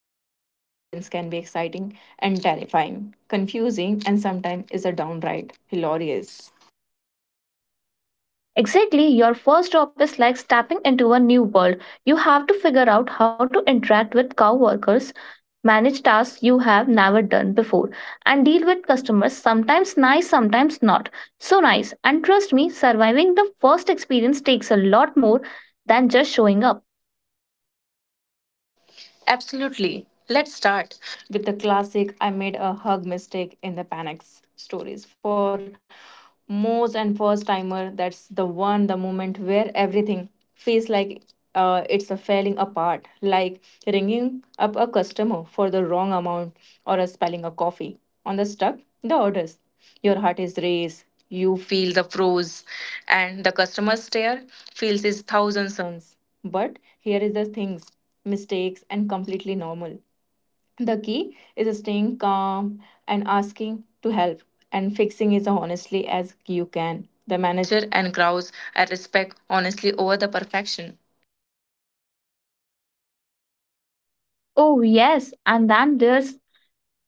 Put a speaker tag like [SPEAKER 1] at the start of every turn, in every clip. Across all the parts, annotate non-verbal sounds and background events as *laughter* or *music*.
[SPEAKER 1] is an early experience can be exciting and terrifying, confusing, and sometimes is a downright hilarious.
[SPEAKER 2] Exactly, your first job is like stepping into a new world. You have to figure out how to interact with coworkers, manage tasks you have never done before, and deal with customers, sometimes nice, sometimes not. So nice. And trust me, surviving the first experience takes a lot more than just showing up.
[SPEAKER 1] Absolutely. Let's start with the classic I made a hug mistake in the panic stories. For most and first timer, that's the one, the moment where everything feels like it's a falling apart, like ringing up a customer for the wrong amount or a spelling a coffee on the stuck, the orders. Your heart is raised, you feel the froze, and the customer stare feels his thousand suns. But here is the things mistakes, and completely normal. The key is staying calm and asking to help and fixing it honestly as you can. The manager and crowds I respect honestly over the perfection.
[SPEAKER 2] Oh, yes, and then there's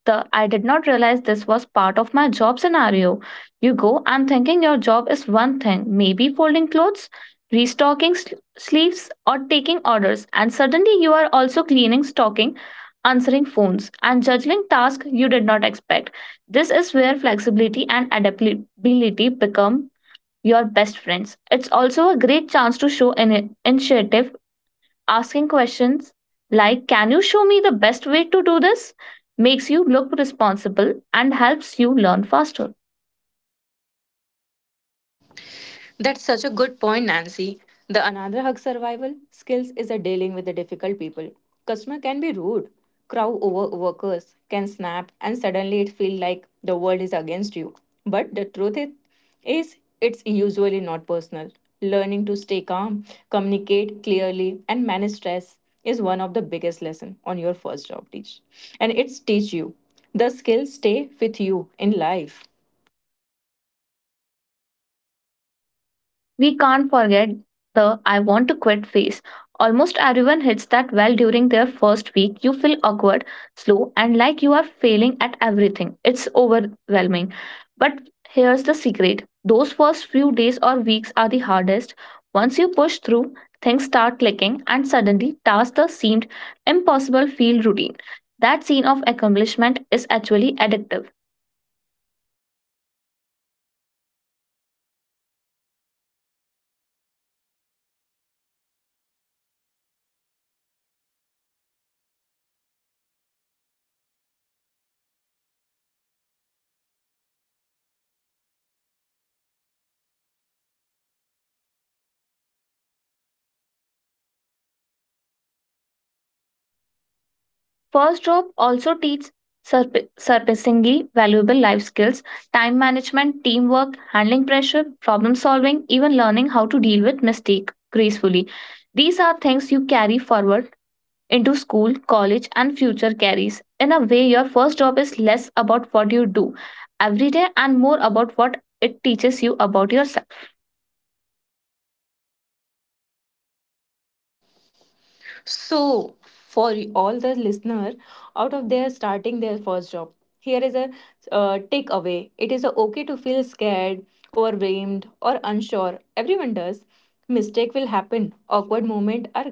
[SPEAKER 2] the I did not realize this was part of my job scenario. You go and thinking your job is one thing, maybe folding clothes, restocking sleeves, or taking orders, and suddenly you are also cleaning, stocking, answering phones, and juggling tasks you did not expect. This is where flexibility and adaptability become your best friends. It's also a great chance to show initiative. Asking questions like, "Can you show me the best way to do this?" makes you look responsible and helps you learn faster.
[SPEAKER 1] That's such a good point, Nancy. The another hug survival skills is a dealing with the difficult people. Customer can be rude, crowd over workers can snap, and suddenly it feel like the world is against you. But the truth is, it's usually not personal. Learning to stay calm, communicate clearly, and manage stress is one of the biggest lesson on your first job teach, and it's teach you the skills stay with you in life.
[SPEAKER 2] We can't forget the I want to quit phase. Almost everyone hits that well during their first week. You feel awkward, slow, and like you are failing at everything. It's overwhelming. But here's the secret, those first few days or weeks are the hardest. Once you push through, things start clicking, and suddenly tasks that seemed impossible feel routine. That scene of accomplishment is actually addictive. First job also teaches surprisingly valuable life skills, time management, teamwork, handling pressure, problem solving, even learning how to deal with mistake gracefully. These are things you carry forward into school, college, and future careers. In a way, your first job is less about what you do every day and more about what it teaches you about yourself.
[SPEAKER 1] So, for all the listener out of there starting their first job, here is a takeaway. It is okay to feel scared, overwhelmed, or unsure. Everyone does. Mistake will happen. Awkward moment are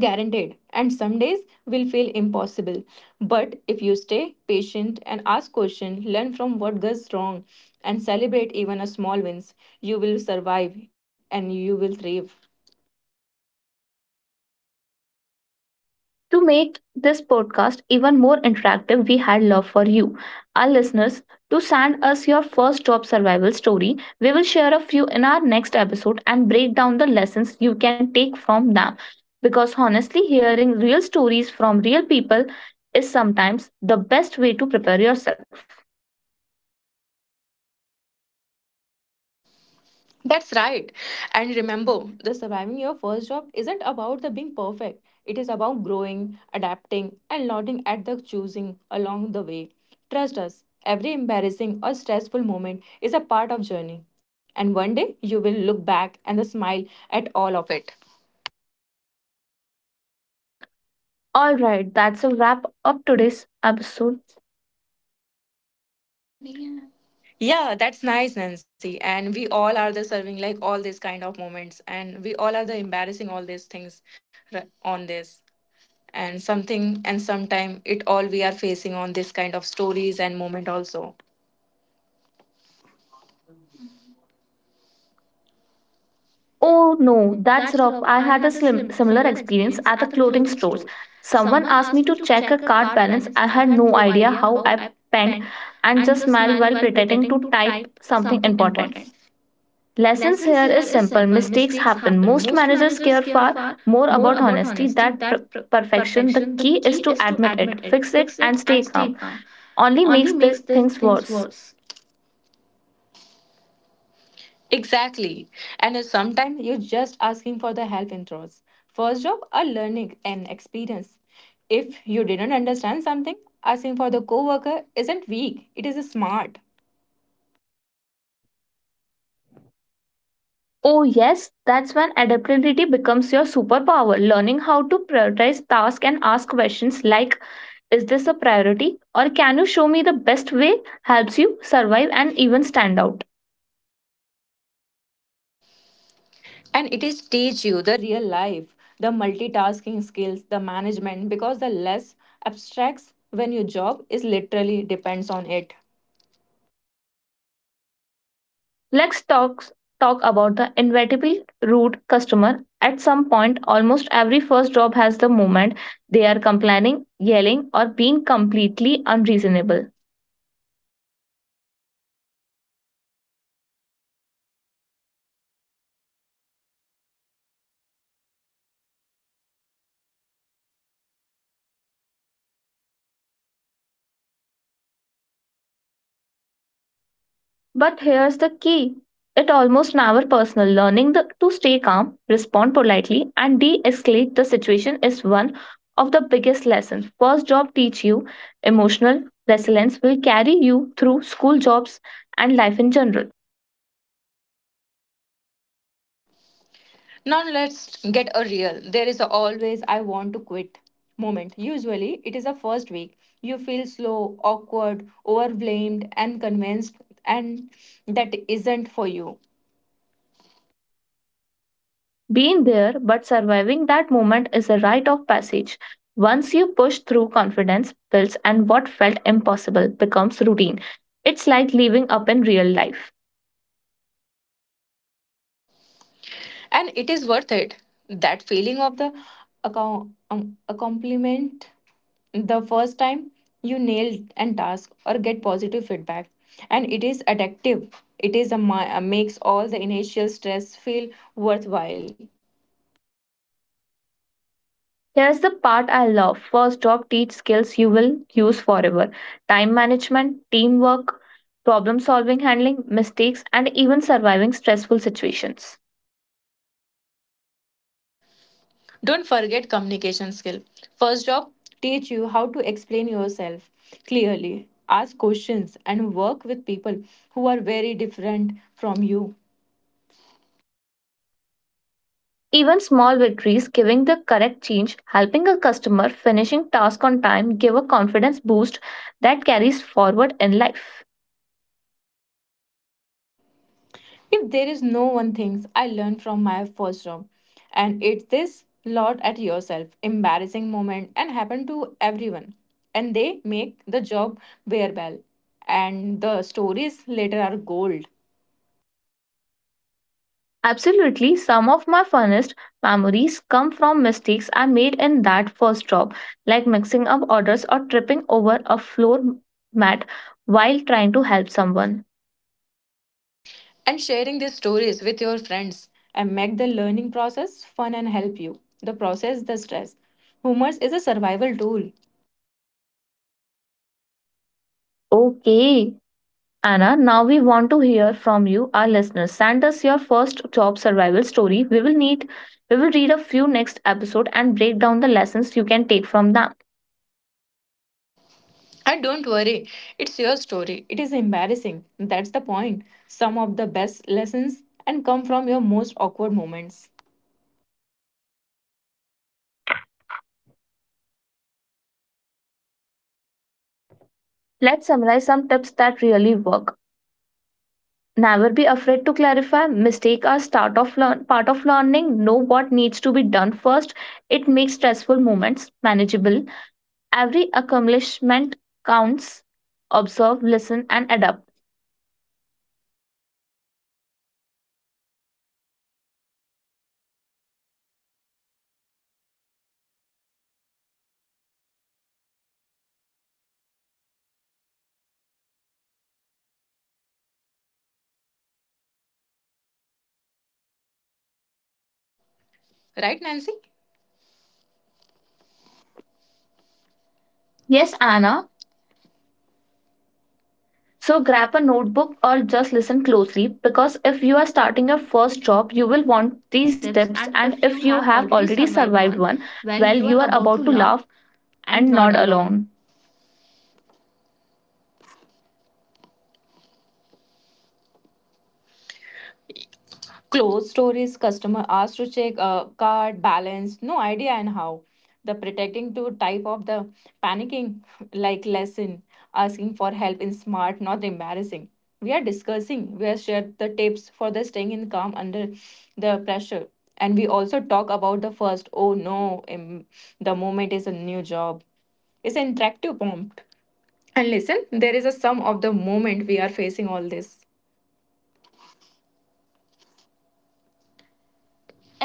[SPEAKER 1] guaranteed, and some days will feel impossible. But if you stay patient and ask questions, learn from what goes wrong, and celebrate even a small wins, you will survive and you will thrive.
[SPEAKER 2] To make this podcast even more interactive, we had love for you, our listeners, to send us your first job survival story. We will share a few in our next episode and break down the lessons you can take from them. Because honestly, hearing real stories from real people is sometimes the best way to prepare yourself.
[SPEAKER 1] That's right. And remember, the surviving your first job isn't about the being perfect. It is about growing, adapting, and nodding at the choosing along the way. Trust us, every embarrassing or stressful moment is a part of journey. And one day you will look back and the smile at all of it.
[SPEAKER 2] All right, that's a wrap up today's episode.
[SPEAKER 1] Yeah, that's nice, Nancy. And we all are the serving like all these kind of moments, and we all are the embarrassing all these things on this. And something and sometime it all we are facing on this kind of stories and moment also. Oh
[SPEAKER 2] Oh
[SPEAKER 1] no,
[SPEAKER 2] no,
[SPEAKER 1] that's
[SPEAKER 2] that's rough.
[SPEAKER 1] rough.
[SPEAKER 2] I
[SPEAKER 1] I
[SPEAKER 2] had
[SPEAKER 1] had a
[SPEAKER 2] a slim,
[SPEAKER 1] slim,
[SPEAKER 2] similar
[SPEAKER 1] similar
[SPEAKER 2] experience
[SPEAKER 1] experience at
[SPEAKER 2] at
[SPEAKER 1] the
[SPEAKER 2] a clothing
[SPEAKER 1] clothing stores.
[SPEAKER 2] stores. Someone
[SPEAKER 1] Someone
[SPEAKER 2] asked
[SPEAKER 1] asked me
[SPEAKER 2] me
[SPEAKER 1] to
[SPEAKER 2] to
[SPEAKER 1] check
[SPEAKER 2] check
[SPEAKER 1] a
[SPEAKER 2] a card
[SPEAKER 1] card
[SPEAKER 2] balance.
[SPEAKER 1] balance.
[SPEAKER 2] I
[SPEAKER 1] I
[SPEAKER 2] had
[SPEAKER 1] had
[SPEAKER 2] no
[SPEAKER 1] no
[SPEAKER 2] idea
[SPEAKER 1] idea
[SPEAKER 2] how
[SPEAKER 1] how I
[SPEAKER 2] I penned
[SPEAKER 1] penned and
[SPEAKER 2] and just
[SPEAKER 1] just
[SPEAKER 2] smiled
[SPEAKER 1] smiled while
[SPEAKER 2] while pretending
[SPEAKER 1] pretending to
[SPEAKER 2] to
[SPEAKER 1] type
[SPEAKER 2] type something
[SPEAKER 1] something
[SPEAKER 2] important.
[SPEAKER 1] important.
[SPEAKER 2] Lessons
[SPEAKER 1] Lessons here
[SPEAKER 2] here is
[SPEAKER 1] is simple.
[SPEAKER 2] simple.
[SPEAKER 1] Mistakes
[SPEAKER 2] Mistakes happen.
[SPEAKER 1] happen. Most
[SPEAKER 2] Most
[SPEAKER 1] managers
[SPEAKER 2] managers
[SPEAKER 1] care
[SPEAKER 2] care
[SPEAKER 1] far
[SPEAKER 2] far
[SPEAKER 1] more
[SPEAKER 2] more
[SPEAKER 1] about
[SPEAKER 2] about
[SPEAKER 1] honesty
[SPEAKER 2] honesty
[SPEAKER 1] than
[SPEAKER 2] than
[SPEAKER 1] perfection.
[SPEAKER 2] perfection.
[SPEAKER 1] The
[SPEAKER 2] The
[SPEAKER 1] key
[SPEAKER 2] key
[SPEAKER 1] is
[SPEAKER 2] is
[SPEAKER 1] to
[SPEAKER 2] to
[SPEAKER 1] admit
[SPEAKER 2] admit
[SPEAKER 1] it,
[SPEAKER 2] it,
[SPEAKER 1] fix
[SPEAKER 2] fix it,
[SPEAKER 1] it,
[SPEAKER 2] and
[SPEAKER 1] and
[SPEAKER 2] stay
[SPEAKER 1] stay calm.
[SPEAKER 2] calm. Only
[SPEAKER 1] Only
[SPEAKER 2] makes
[SPEAKER 1] makes
[SPEAKER 2] the
[SPEAKER 1] the
[SPEAKER 2] things
[SPEAKER 1] things
[SPEAKER 2] worse.
[SPEAKER 1] worse. Exactly. And sometimes you're just asking for the help in throws. First job, a learning and experience. If you didn't understand something, asking for the coworker isn't weak, it is smart.
[SPEAKER 2] Oh, yes, that's when adaptability becomes your superpower. Learning how to prioritize tasks and ask questions like, "Is this a priority?" or "Can you show me the best way?" helps you survive and even stand out.
[SPEAKER 1] And it is teach you the real life, the multitasking skills, the management, because the less abstracts when your job is literally depends on it.
[SPEAKER 2] Let's talk about the inevitable rude customer. At some point, almost every first job has the moment they are complaining, yelling, or being completely unreasonable. But here's the key, it almost never personal. Learning to stay calm, respond politely, and de escalate the situation is one of the biggest lessons. First job teach you emotional resilience will carry you through school jobs and life in general.
[SPEAKER 1] Now let's get a real. There is a always I want to quit moment. Usually it is a first week. You feel slow, awkward, overblamed and convinced and that isn't for you.
[SPEAKER 2] Being there but surviving that moment is a rite of passage. Once you push through, confidence builds, and what felt impossible becomes routine. It's like living up in real life.
[SPEAKER 1] And it is worth it. That feeling of the accomplishment the first time you nail an task or get positive feedback, and it is addictive. It is a makes all the initial stress feel worthwhile.
[SPEAKER 2] Here's the part I love. First job teach skills you will use forever. Time management, teamwork, problem solving, handling mistakes, and even surviving stressful situations.
[SPEAKER 1] Don't forget communication skill. First job teach you how to explain yourself clearly, ask questions and work with people who are very different from you.
[SPEAKER 2] Even small victories, giving the correct change, helping a customer, finishing task on time, give a confidence boost that carries forward in life.
[SPEAKER 1] If there is no one thing I learned from my first job and it's this lot at yourself embarrassing moment and happen to everyone and they make the job bearable and the stories later are gold.
[SPEAKER 2] Absolutely, some of my funnest memories come from mistakes I made in that first job, like mixing up orders or tripping over a floor mat while trying to help someone.
[SPEAKER 1] And sharing these stories with your friends and make the learning process fun and help you the process the stress. Humor is a survival tool.
[SPEAKER 2] Okay, Anna, now we want to hear from you, our listeners. Send us your first job survival story. We will read a few next episode and break down the lessons you can take from them.
[SPEAKER 1] And don't worry, it's your story. It is embarrassing, that's the point. Some of the best lessons and come from your most awkward moments,
[SPEAKER 2] Let's summarize some tips that really work. Never be afraid to clarify. Mistake are start of learn, part of learning. Know what needs to be done first. It makes stressful moments manageable. Every accomplishment counts. Observe, listen, and adapt.
[SPEAKER 1] right Nancy?
[SPEAKER 2] Yes,
[SPEAKER 1] Yes, Anna,
[SPEAKER 2] Anna. So
[SPEAKER 1] so
[SPEAKER 2] grab
[SPEAKER 1] grab
[SPEAKER 2] a
[SPEAKER 1] a notebook
[SPEAKER 2] notebook or
[SPEAKER 1] or
[SPEAKER 2] just
[SPEAKER 1] just
[SPEAKER 2] listen
[SPEAKER 1] listen
[SPEAKER 2] closely,
[SPEAKER 1] closely
[SPEAKER 2] because
[SPEAKER 1] because if
[SPEAKER 2] if you
[SPEAKER 1] you
[SPEAKER 2] are
[SPEAKER 1] are starting
[SPEAKER 2] starting your
[SPEAKER 1] your
[SPEAKER 2] first
[SPEAKER 1] first
[SPEAKER 2] job,
[SPEAKER 1] job,
[SPEAKER 2] you
[SPEAKER 1] you
[SPEAKER 2] will
[SPEAKER 1] will want
[SPEAKER 2] want these
[SPEAKER 1] these
[SPEAKER 2] tips.
[SPEAKER 1] tips.
[SPEAKER 2] And
[SPEAKER 1] And
[SPEAKER 2] if
[SPEAKER 1] if
[SPEAKER 2] you
[SPEAKER 1] you have
[SPEAKER 2] have already
[SPEAKER 1] already survived
[SPEAKER 2] survived
[SPEAKER 1] one,
[SPEAKER 2] one,
[SPEAKER 1] well,
[SPEAKER 2] well,
[SPEAKER 1] you
[SPEAKER 2] you
[SPEAKER 1] are
[SPEAKER 2] are
[SPEAKER 1] about
[SPEAKER 2] about
[SPEAKER 1] to
[SPEAKER 2] to
[SPEAKER 1] laugh
[SPEAKER 2] laugh
[SPEAKER 1] and
[SPEAKER 2] and
[SPEAKER 1] nod
[SPEAKER 2] nod
[SPEAKER 1] along.
[SPEAKER 2] along.
[SPEAKER 1] Close stories, customer asked to check card balance, no idea and how. The protecting to type of the panicking *laughs* like lesson, asking for help in smart, not embarrassing. We are discussing, we have shared the tips for the staying in calm under the pressure. And we also talk about the first, oh no, the moment is a new job. It's an interactive prompt. And listen, there is a sum of the moment we are facing all this.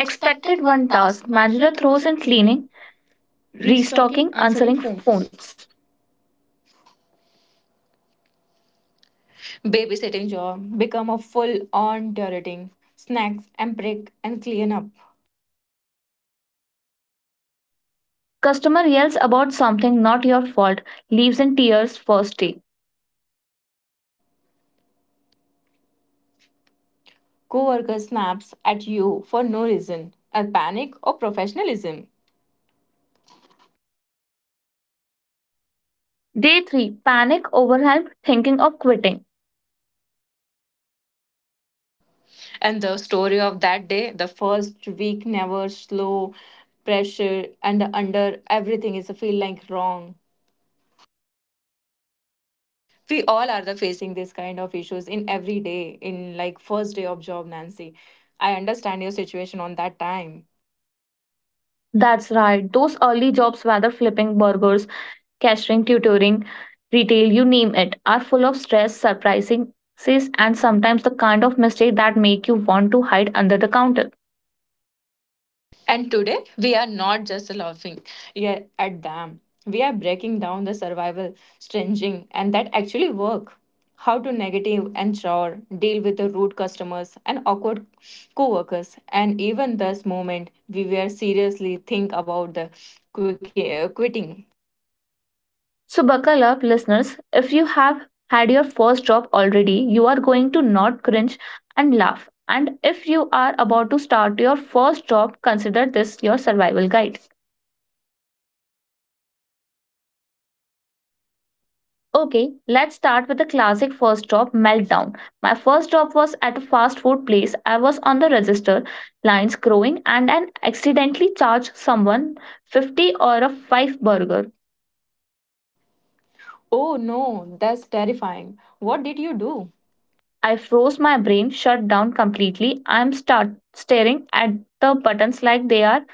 [SPEAKER 2] Expected
[SPEAKER 1] one
[SPEAKER 2] one
[SPEAKER 1] task.
[SPEAKER 2] task.
[SPEAKER 1] Manager
[SPEAKER 2] Manager
[SPEAKER 1] throws
[SPEAKER 2] throws
[SPEAKER 1] in
[SPEAKER 2] in
[SPEAKER 1] cleaning,
[SPEAKER 2] cleaning.
[SPEAKER 1] restocking,
[SPEAKER 2] Restocking,
[SPEAKER 1] answering
[SPEAKER 2] answering
[SPEAKER 1] phones.
[SPEAKER 2] phones.
[SPEAKER 1] Babysitting job, become a full on turreting, snacks and break and clean up.
[SPEAKER 2] Customer yells about something not your fault, leaves in tears first day.
[SPEAKER 1] Coworker snaps at you for no reason, a panic or professionalism.
[SPEAKER 2] Day 3, panic, overwhelmed, thinking of quitting.
[SPEAKER 1] And the story of that day, the first week never slow, pressure and the under everything is a feel like wrong. We all are the facing this kind of issues in every day, in like first day of job, Nancy. I understand your situation on that time.
[SPEAKER 2] That's right, those early jobs, whether flipping burgers, cashiering, tutoring, retail, you name it, are full of stress, surprises, and sometimes the kind of mistake that make you want to hide under the counter.
[SPEAKER 1] And today, we are not just laughing, yeah, at them. We are breaking down the survival stringing and that actually work. How to negative and chore, deal with the rude customers and awkward co-workers. And even this moment, we were seriously think about the quitting.
[SPEAKER 2] So, buckle up, listeners. If you have had your first job already, you are going to not cringe and laugh. And if you are about to start your first job, consider this your survival guide. Okay, let's start with the classic first job meltdown. My first job was at a fast food place. I was on the register, lines growing, and I accidentally charged someone 50 or a 5 burger.
[SPEAKER 1] Oh no, that's terrifying. What did you do?
[SPEAKER 2] I froze, my brain shut down completely. I'm start staring at the buttons like they are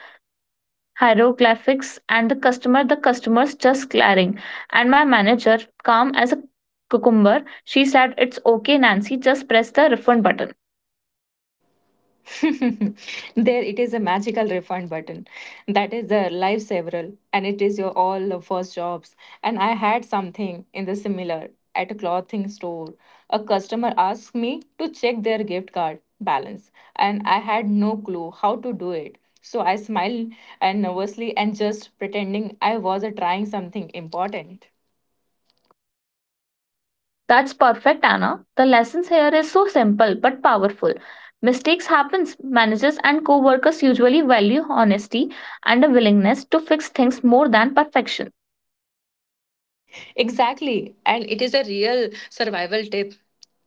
[SPEAKER 2] hieroglyphics, and the customers just glaring, and my manager, calm as a cucumber, she said, "It's okay, Nancy, just press the refund button."
[SPEAKER 1] *laughs* There it is a magical refund button that is the lifesaver and it is your all the first jobs. And I had something in the similar at a clothing store. A customer asked me to check their gift card balance and I had no clue how to do it, so I smiled and nervously and just pretending I was trying something important.
[SPEAKER 2] That's perfect, Anna. The lessons here is so simple but powerful. Mistakes happens, managers and co-workers usually value honesty and a willingness to fix things more than perfection.
[SPEAKER 1] Exactly. And it is a real survival tip.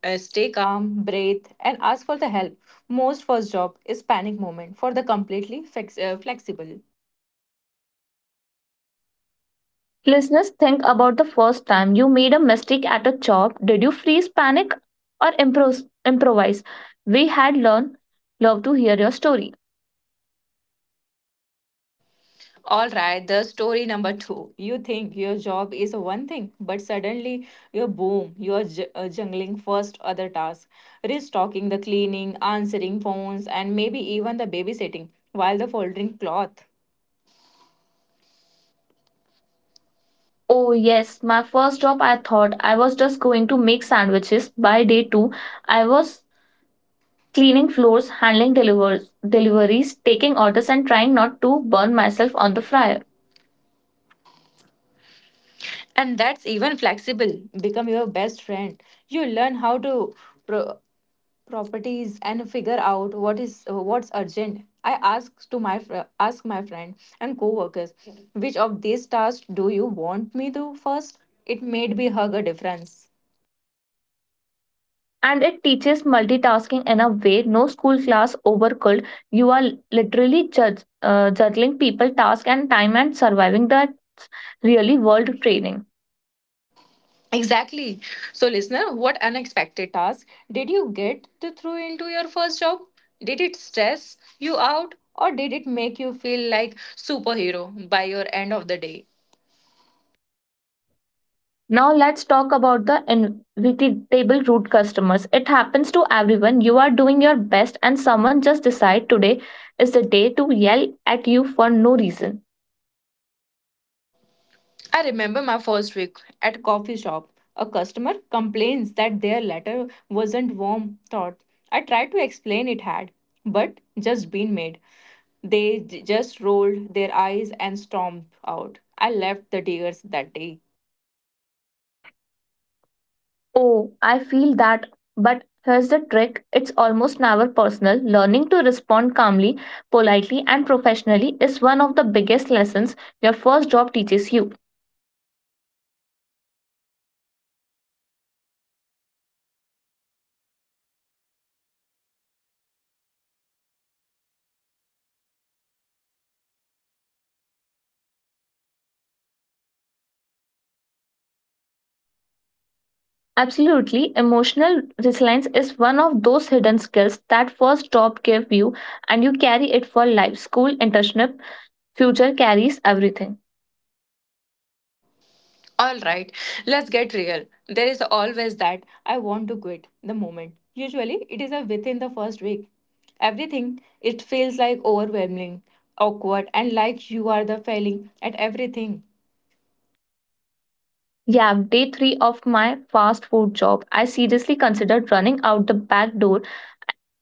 [SPEAKER 1] Stay calm, breathe, and ask for the help. Most first job is panic moment for the completely flexible.
[SPEAKER 2] Listeners, think about the first time you made a mistake at a job. Did you freeze, panic, or improvise? We had learned. Love to hear your story.
[SPEAKER 1] All right, the story number 2. You think your job is one thing, but suddenly you're boom, you're jungling first other tasks, restocking the cleaning, answering phones, and maybe even the babysitting while the folding cloth. Oh,
[SPEAKER 2] Oh,
[SPEAKER 1] yes,
[SPEAKER 2] yes, my
[SPEAKER 1] my
[SPEAKER 2] first
[SPEAKER 1] first
[SPEAKER 2] job,
[SPEAKER 1] job I
[SPEAKER 2] I
[SPEAKER 1] thought
[SPEAKER 2] thought
[SPEAKER 1] I
[SPEAKER 2] I
[SPEAKER 1] was
[SPEAKER 2] was
[SPEAKER 1] just
[SPEAKER 2] just going
[SPEAKER 1] going to
[SPEAKER 2] to
[SPEAKER 1] make
[SPEAKER 2] make sandwiches.
[SPEAKER 1] sandwiches.
[SPEAKER 2] By
[SPEAKER 1] By day
[SPEAKER 2] day
[SPEAKER 1] two,
[SPEAKER 2] two,
[SPEAKER 1] I
[SPEAKER 2] I
[SPEAKER 1] was
[SPEAKER 2] was
[SPEAKER 1] cleaning
[SPEAKER 2] cleaning floors,
[SPEAKER 1] floors, handling
[SPEAKER 2] handling deliveries,
[SPEAKER 1] deliveries, taking
[SPEAKER 2] taking
[SPEAKER 1] orders,
[SPEAKER 2] orders,
[SPEAKER 1] and
[SPEAKER 2] and
[SPEAKER 1] trying
[SPEAKER 2] trying not
[SPEAKER 1] not
[SPEAKER 2] to
[SPEAKER 1] to
[SPEAKER 2] burn
[SPEAKER 1] burn myself
[SPEAKER 2] myself on
[SPEAKER 1] on
[SPEAKER 2] the
[SPEAKER 1] the fryer.
[SPEAKER 2] fryer.
[SPEAKER 1] And that's even flexible. Become your best friend. You learn how to pro- properties and figure out what is what's urgent. I asked to my fr- Ask my friend and co-workers, which of these tasks do you want me to first? It made me hug a difference.
[SPEAKER 2] And it teaches multitasking in a way no school class over could. You are literally juggling people, task, and time and surviving. That's really world training.
[SPEAKER 1] Exactly. So, listener, what unexpected task did you get to throw into your first job? Did it stress you out or did it make you feel like superhero by your end of the day?
[SPEAKER 2] Now let's talk about the inevitable root customers. It happens to everyone. You are doing your best, and someone just decide today is the day to yell at you for no reason.
[SPEAKER 1] I remember my first week at a coffee shop. A customer complains that their letter wasn't warm thought. I tried to explain it had, but just been made. They just rolled their eyes and stomped out. I left the tears that day.
[SPEAKER 2] Oh, I feel that. But here's the trick, it's almost never personal. Learning to respond calmly, politely, and professionally is one of the biggest lessons your first job teaches you. Absolutely, emotional resilience is one of those hidden skills that first job gave you, and you carry it for life. School, internship, future carries everything.
[SPEAKER 1] All right, let's get real. There is always that I want to quit the moment. Usually, it is a within the first week. Everything, it feels like overwhelming, awkward, and like you are the failing at everything.
[SPEAKER 2] Yeah, day three of my fast food job, I seriously considered running out the back door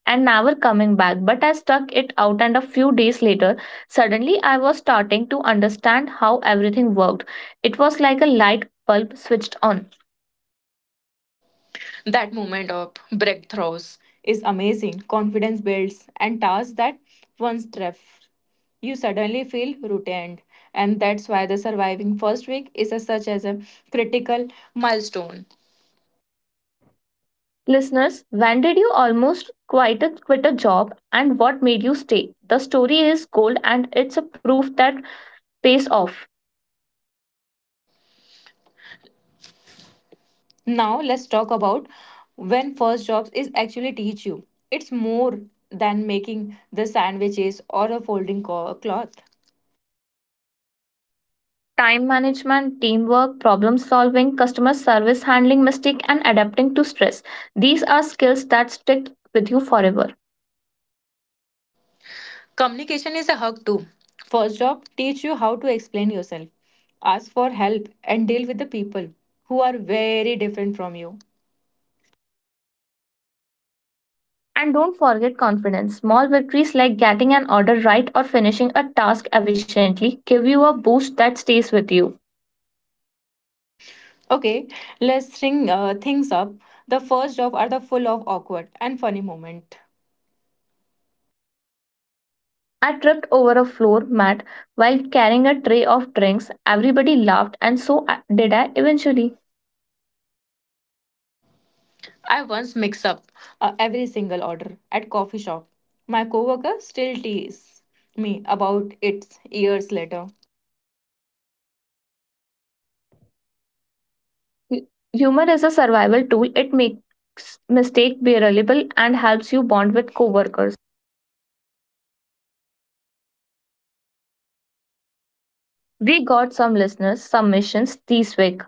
[SPEAKER 2] and never coming back. But I stuck it out, and a few days later, suddenly I was starting to understand how everything worked. It was like a light bulb switched on.
[SPEAKER 1] That moment of breakthroughs is amazing. Confidence builds, and tasks that once left, you suddenly feel routine. And that's why the surviving first week is a, such as a critical milestone.
[SPEAKER 2] Listeners, when did you almost quit a job, and what made you stay? The story is gold, and it's a proof that pays off.
[SPEAKER 1] Now let's talk about when first jobs is actually teach you. It's more than making the sandwiches or a folding cloth.
[SPEAKER 2] Time management, teamwork, problem solving, customer service, handling mistake, and adapting to stress. These are skills that stick with you forever.
[SPEAKER 1] Communication is a hug too. First job teach you how to explain yourself, ask for help and deal with the people who are very different from you.
[SPEAKER 2] And don't forget confidence. Small victories like getting an order right or finishing a task efficiently give you a boost that stays with you.
[SPEAKER 1] Okay, let's string things up. The first job are the full of awkward and funny moment.
[SPEAKER 2] I tripped over a floor mat while carrying a tray of drinks. Everybody laughed, and so did I eventually.
[SPEAKER 1] I once mixed up every single order at coffee shop. My coworker still teases me about it years later.
[SPEAKER 2] Hu- Humor is a survival tool, it makes mistake bearable and helps you bond with coworkers. We got some listeners' submissions this week.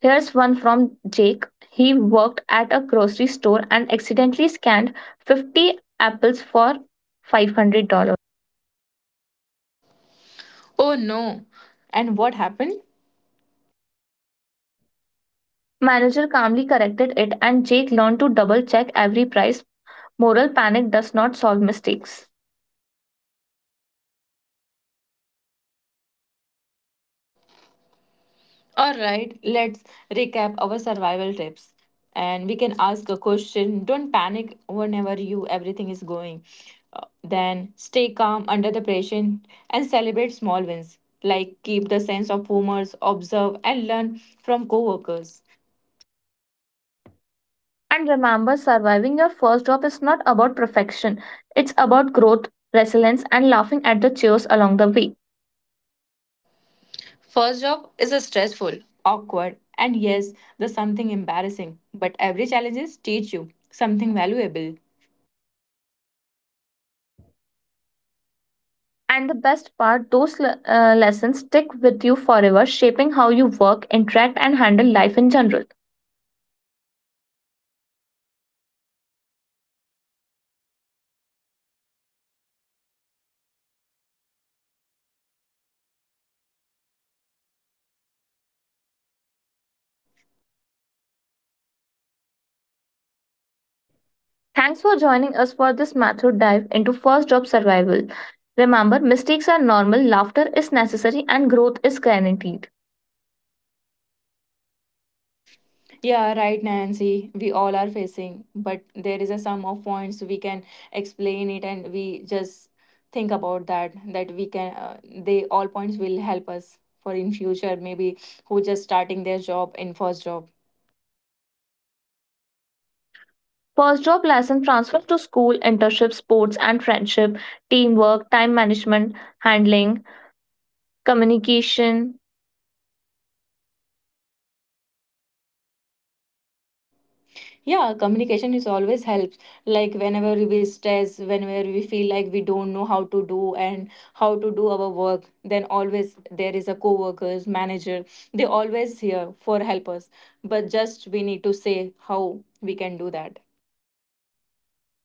[SPEAKER 2] Here's one from Jake. He worked at a grocery store and accidentally scanned 50 apples for $500.
[SPEAKER 1] Oh no. And what happened?
[SPEAKER 2] Manager calmly corrected it, and Jake learned to double check every price. Moral, panic does not solve mistakes.
[SPEAKER 1] All right, let's recap our survival tips. And we can ask a question. Don't panic whenever you everything is going. Then stay calm under the pressure and celebrate small wins. Like keep the sense of humor, observe and learn from coworkers.
[SPEAKER 2] And remember, surviving your first job is not about perfection. It's about growth, resilience, and laughing at the cheers along the way.
[SPEAKER 1] First job is a stressful, awkward, and yes, there's something embarrassing, but every challenges teach you something valuable.
[SPEAKER 2] And the best part, those lessons stick with you forever, shaping how you work, interact, and handle life in general. Thanks for joining us for this method dive into first job survival. Remember, mistakes are normal, laughter is necessary, and growth is guaranteed.
[SPEAKER 1] Yeah, right, Nancy. We all are facing, but there is a sum of points we can explain it, and we just think about that. That we can, they all points will help us for in future maybe who just starting their job in first job.
[SPEAKER 2] First job lesson transfers to school, internship, sports and friendship, teamwork, time management, handling, communication.
[SPEAKER 1] Yeah, communication is always helps. Like whenever we stress, whenever we feel like we don't know how to do and how to do our work, then always there is a co-workers, manager. They always here for help us. But just we need to say how we can do that.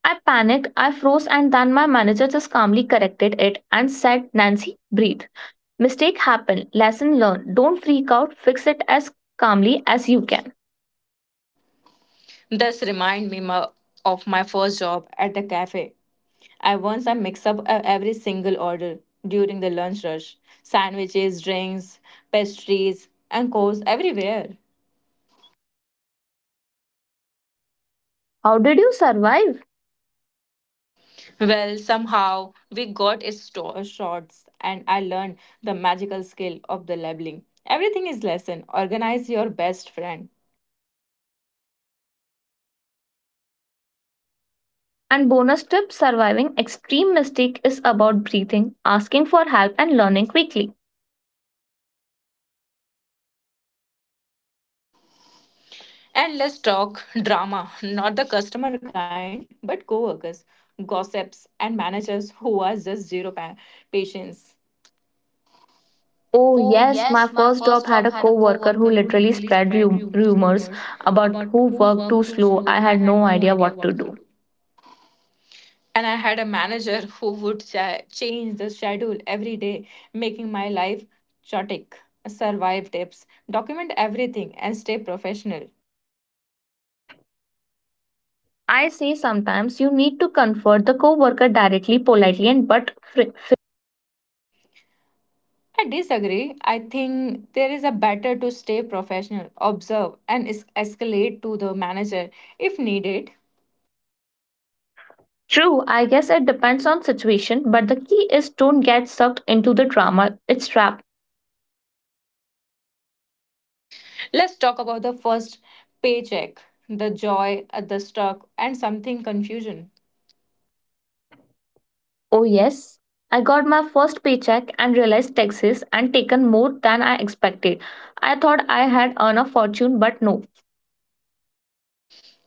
[SPEAKER 2] I panicked, I froze, and then my manager just calmly corrected it and said, "Nancy, breathe. Mistake happened, lesson learned. Don't freak out, fix it as calmly as you can."
[SPEAKER 1] This remind me of my first job at the cafe. I once I mix up every single order during the lunch rush. Sandwiches, drinks, pastries, and course everywhere.
[SPEAKER 2] How did you survive?
[SPEAKER 1] Well, somehow we got its shots, and I learned the magical skill of the labeling. Everything is lesson. Organize your best friend.
[SPEAKER 2] And bonus tip, surviving extreme mistake is about breathing, asking for help, and learning quickly.
[SPEAKER 1] And let's talk drama, not the customer kind, but co-workers, gossips, and managers who are just zero patience. Oh,
[SPEAKER 2] Oh,
[SPEAKER 1] yes,
[SPEAKER 2] yes, my
[SPEAKER 1] my first
[SPEAKER 2] first
[SPEAKER 1] job
[SPEAKER 2] job had
[SPEAKER 1] had
[SPEAKER 2] a
[SPEAKER 1] a
[SPEAKER 2] co worker
[SPEAKER 1] co-worker who
[SPEAKER 2] who
[SPEAKER 1] literally
[SPEAKER 2] literally spread
[SPEAKER 1] spread rumors
[SPEAKER 2] rumors about
[SPEAKER 1] about
[SPEAKER 2] who
[SPEAKER 1] who
[SPEAKER 2] worked too
[SPEAKER 1] worked too
[SPEAKER 2] slow. I
[SPEAKER 1] slow. I
[SPEAKER 2] had
[SPEAKER 1] had
[SPEAKER 2] no
[SPEAKER 1] no
[SPEAKER 2] idea
[SPEAKER 1] idea
[SPEAKER 2] what to
[SPEAKER 1] what to
[SPEAKER 2] do.
[SPEAKER 1] do. And I had a manager *laughs* who would change the schedule every day, making my life chaotic. Survive tips, document everything, and stay professional.
[SPEAKER 2] I say sometimes you need to comfort the co worker directly, politely, and but
[SPEAKER 1] I disagree. I think there is a better to stay professional, observe, and escalate to the manager if needed.
[SPEAKER 2] true. I guess it depends on situation, but the key is don't get sucked into the drama. It's trap.
[SPEAKER 1] Let's talk about the first paycheck, the joy, the stock, and something confusion.
[SPEAKER 2] Oh, yes. I got my first paycheck and realized taxes and taken more than I expected. I thought I had earned a fortune, but no.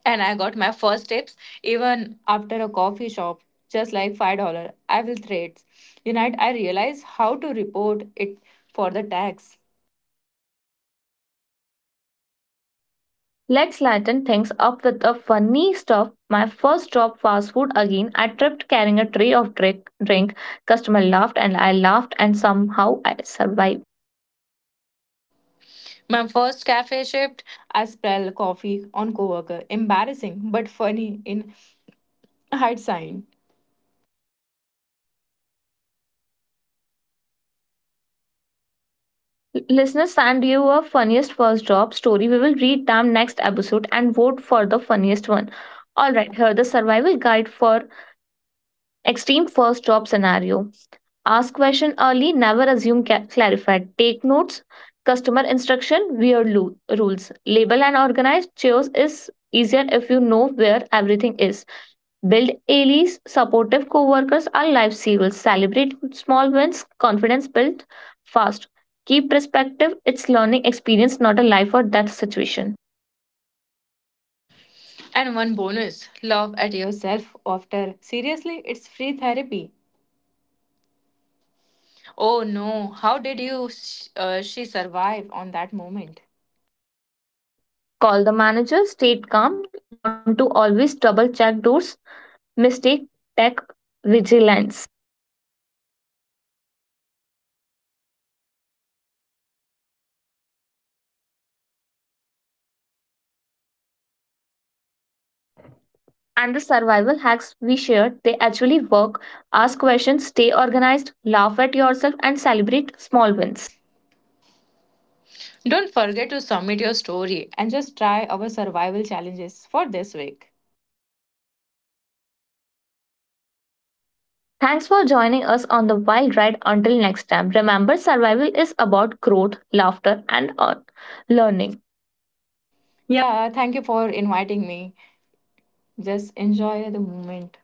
[SPEAKER 1] And I got my first tips even after a coffee shop, just like $5. I will trade. Unite. I realized how to report it for the tax.
[SPEAKER 2] Let's lighten things up with the funny stuff. My first job, fast food again. I tripped carrying a tray of drink. Customer laughed and I laughed, and somehow I survived.
[SPEAKER 1] My first cafe shift, I spell coffee on coworker. Embarrassing but funny in hindsight.
[SPEAKER 2] Listeners, send your funniest first job story. We will read them next episode and vote for the funniest one. All right, here the survival guide for extreme first job scenario. Ask question early, never assume clarify. Take notes, customer instruction, weird rules. Label and organize chairs is easier if you know where everything is. Build allies, supportive co-workers are lifesavers. Celebrate small wins, confidence built fast. Keep perspective, it's learning experience, not a life or death situation.
[SPEAKER 1] And one bonus: laugh at yourself after. Seriously, it's free therapy. Oh no! How did you? She survive on that moment?
[SPEAKER 2] Call the manager, stay calm, learn to always double check doors, mistake, tech, vigilance. And the survival hacks we shared, they actually work. Ask questions, stay organized, laugh at yourself, and celebrate small wins.
[SPEAKER 1] Yes. Don't forget to submit your story and just try our survival challenges for this week.
[SPEAKER 2] Thanks for joining us on the wild ride. Until next time, remember survival is about growth, laughter, and learning. Yeah.
[SPEAKER 1] Yeah, thank you for inviting me. Just enjoy the moment.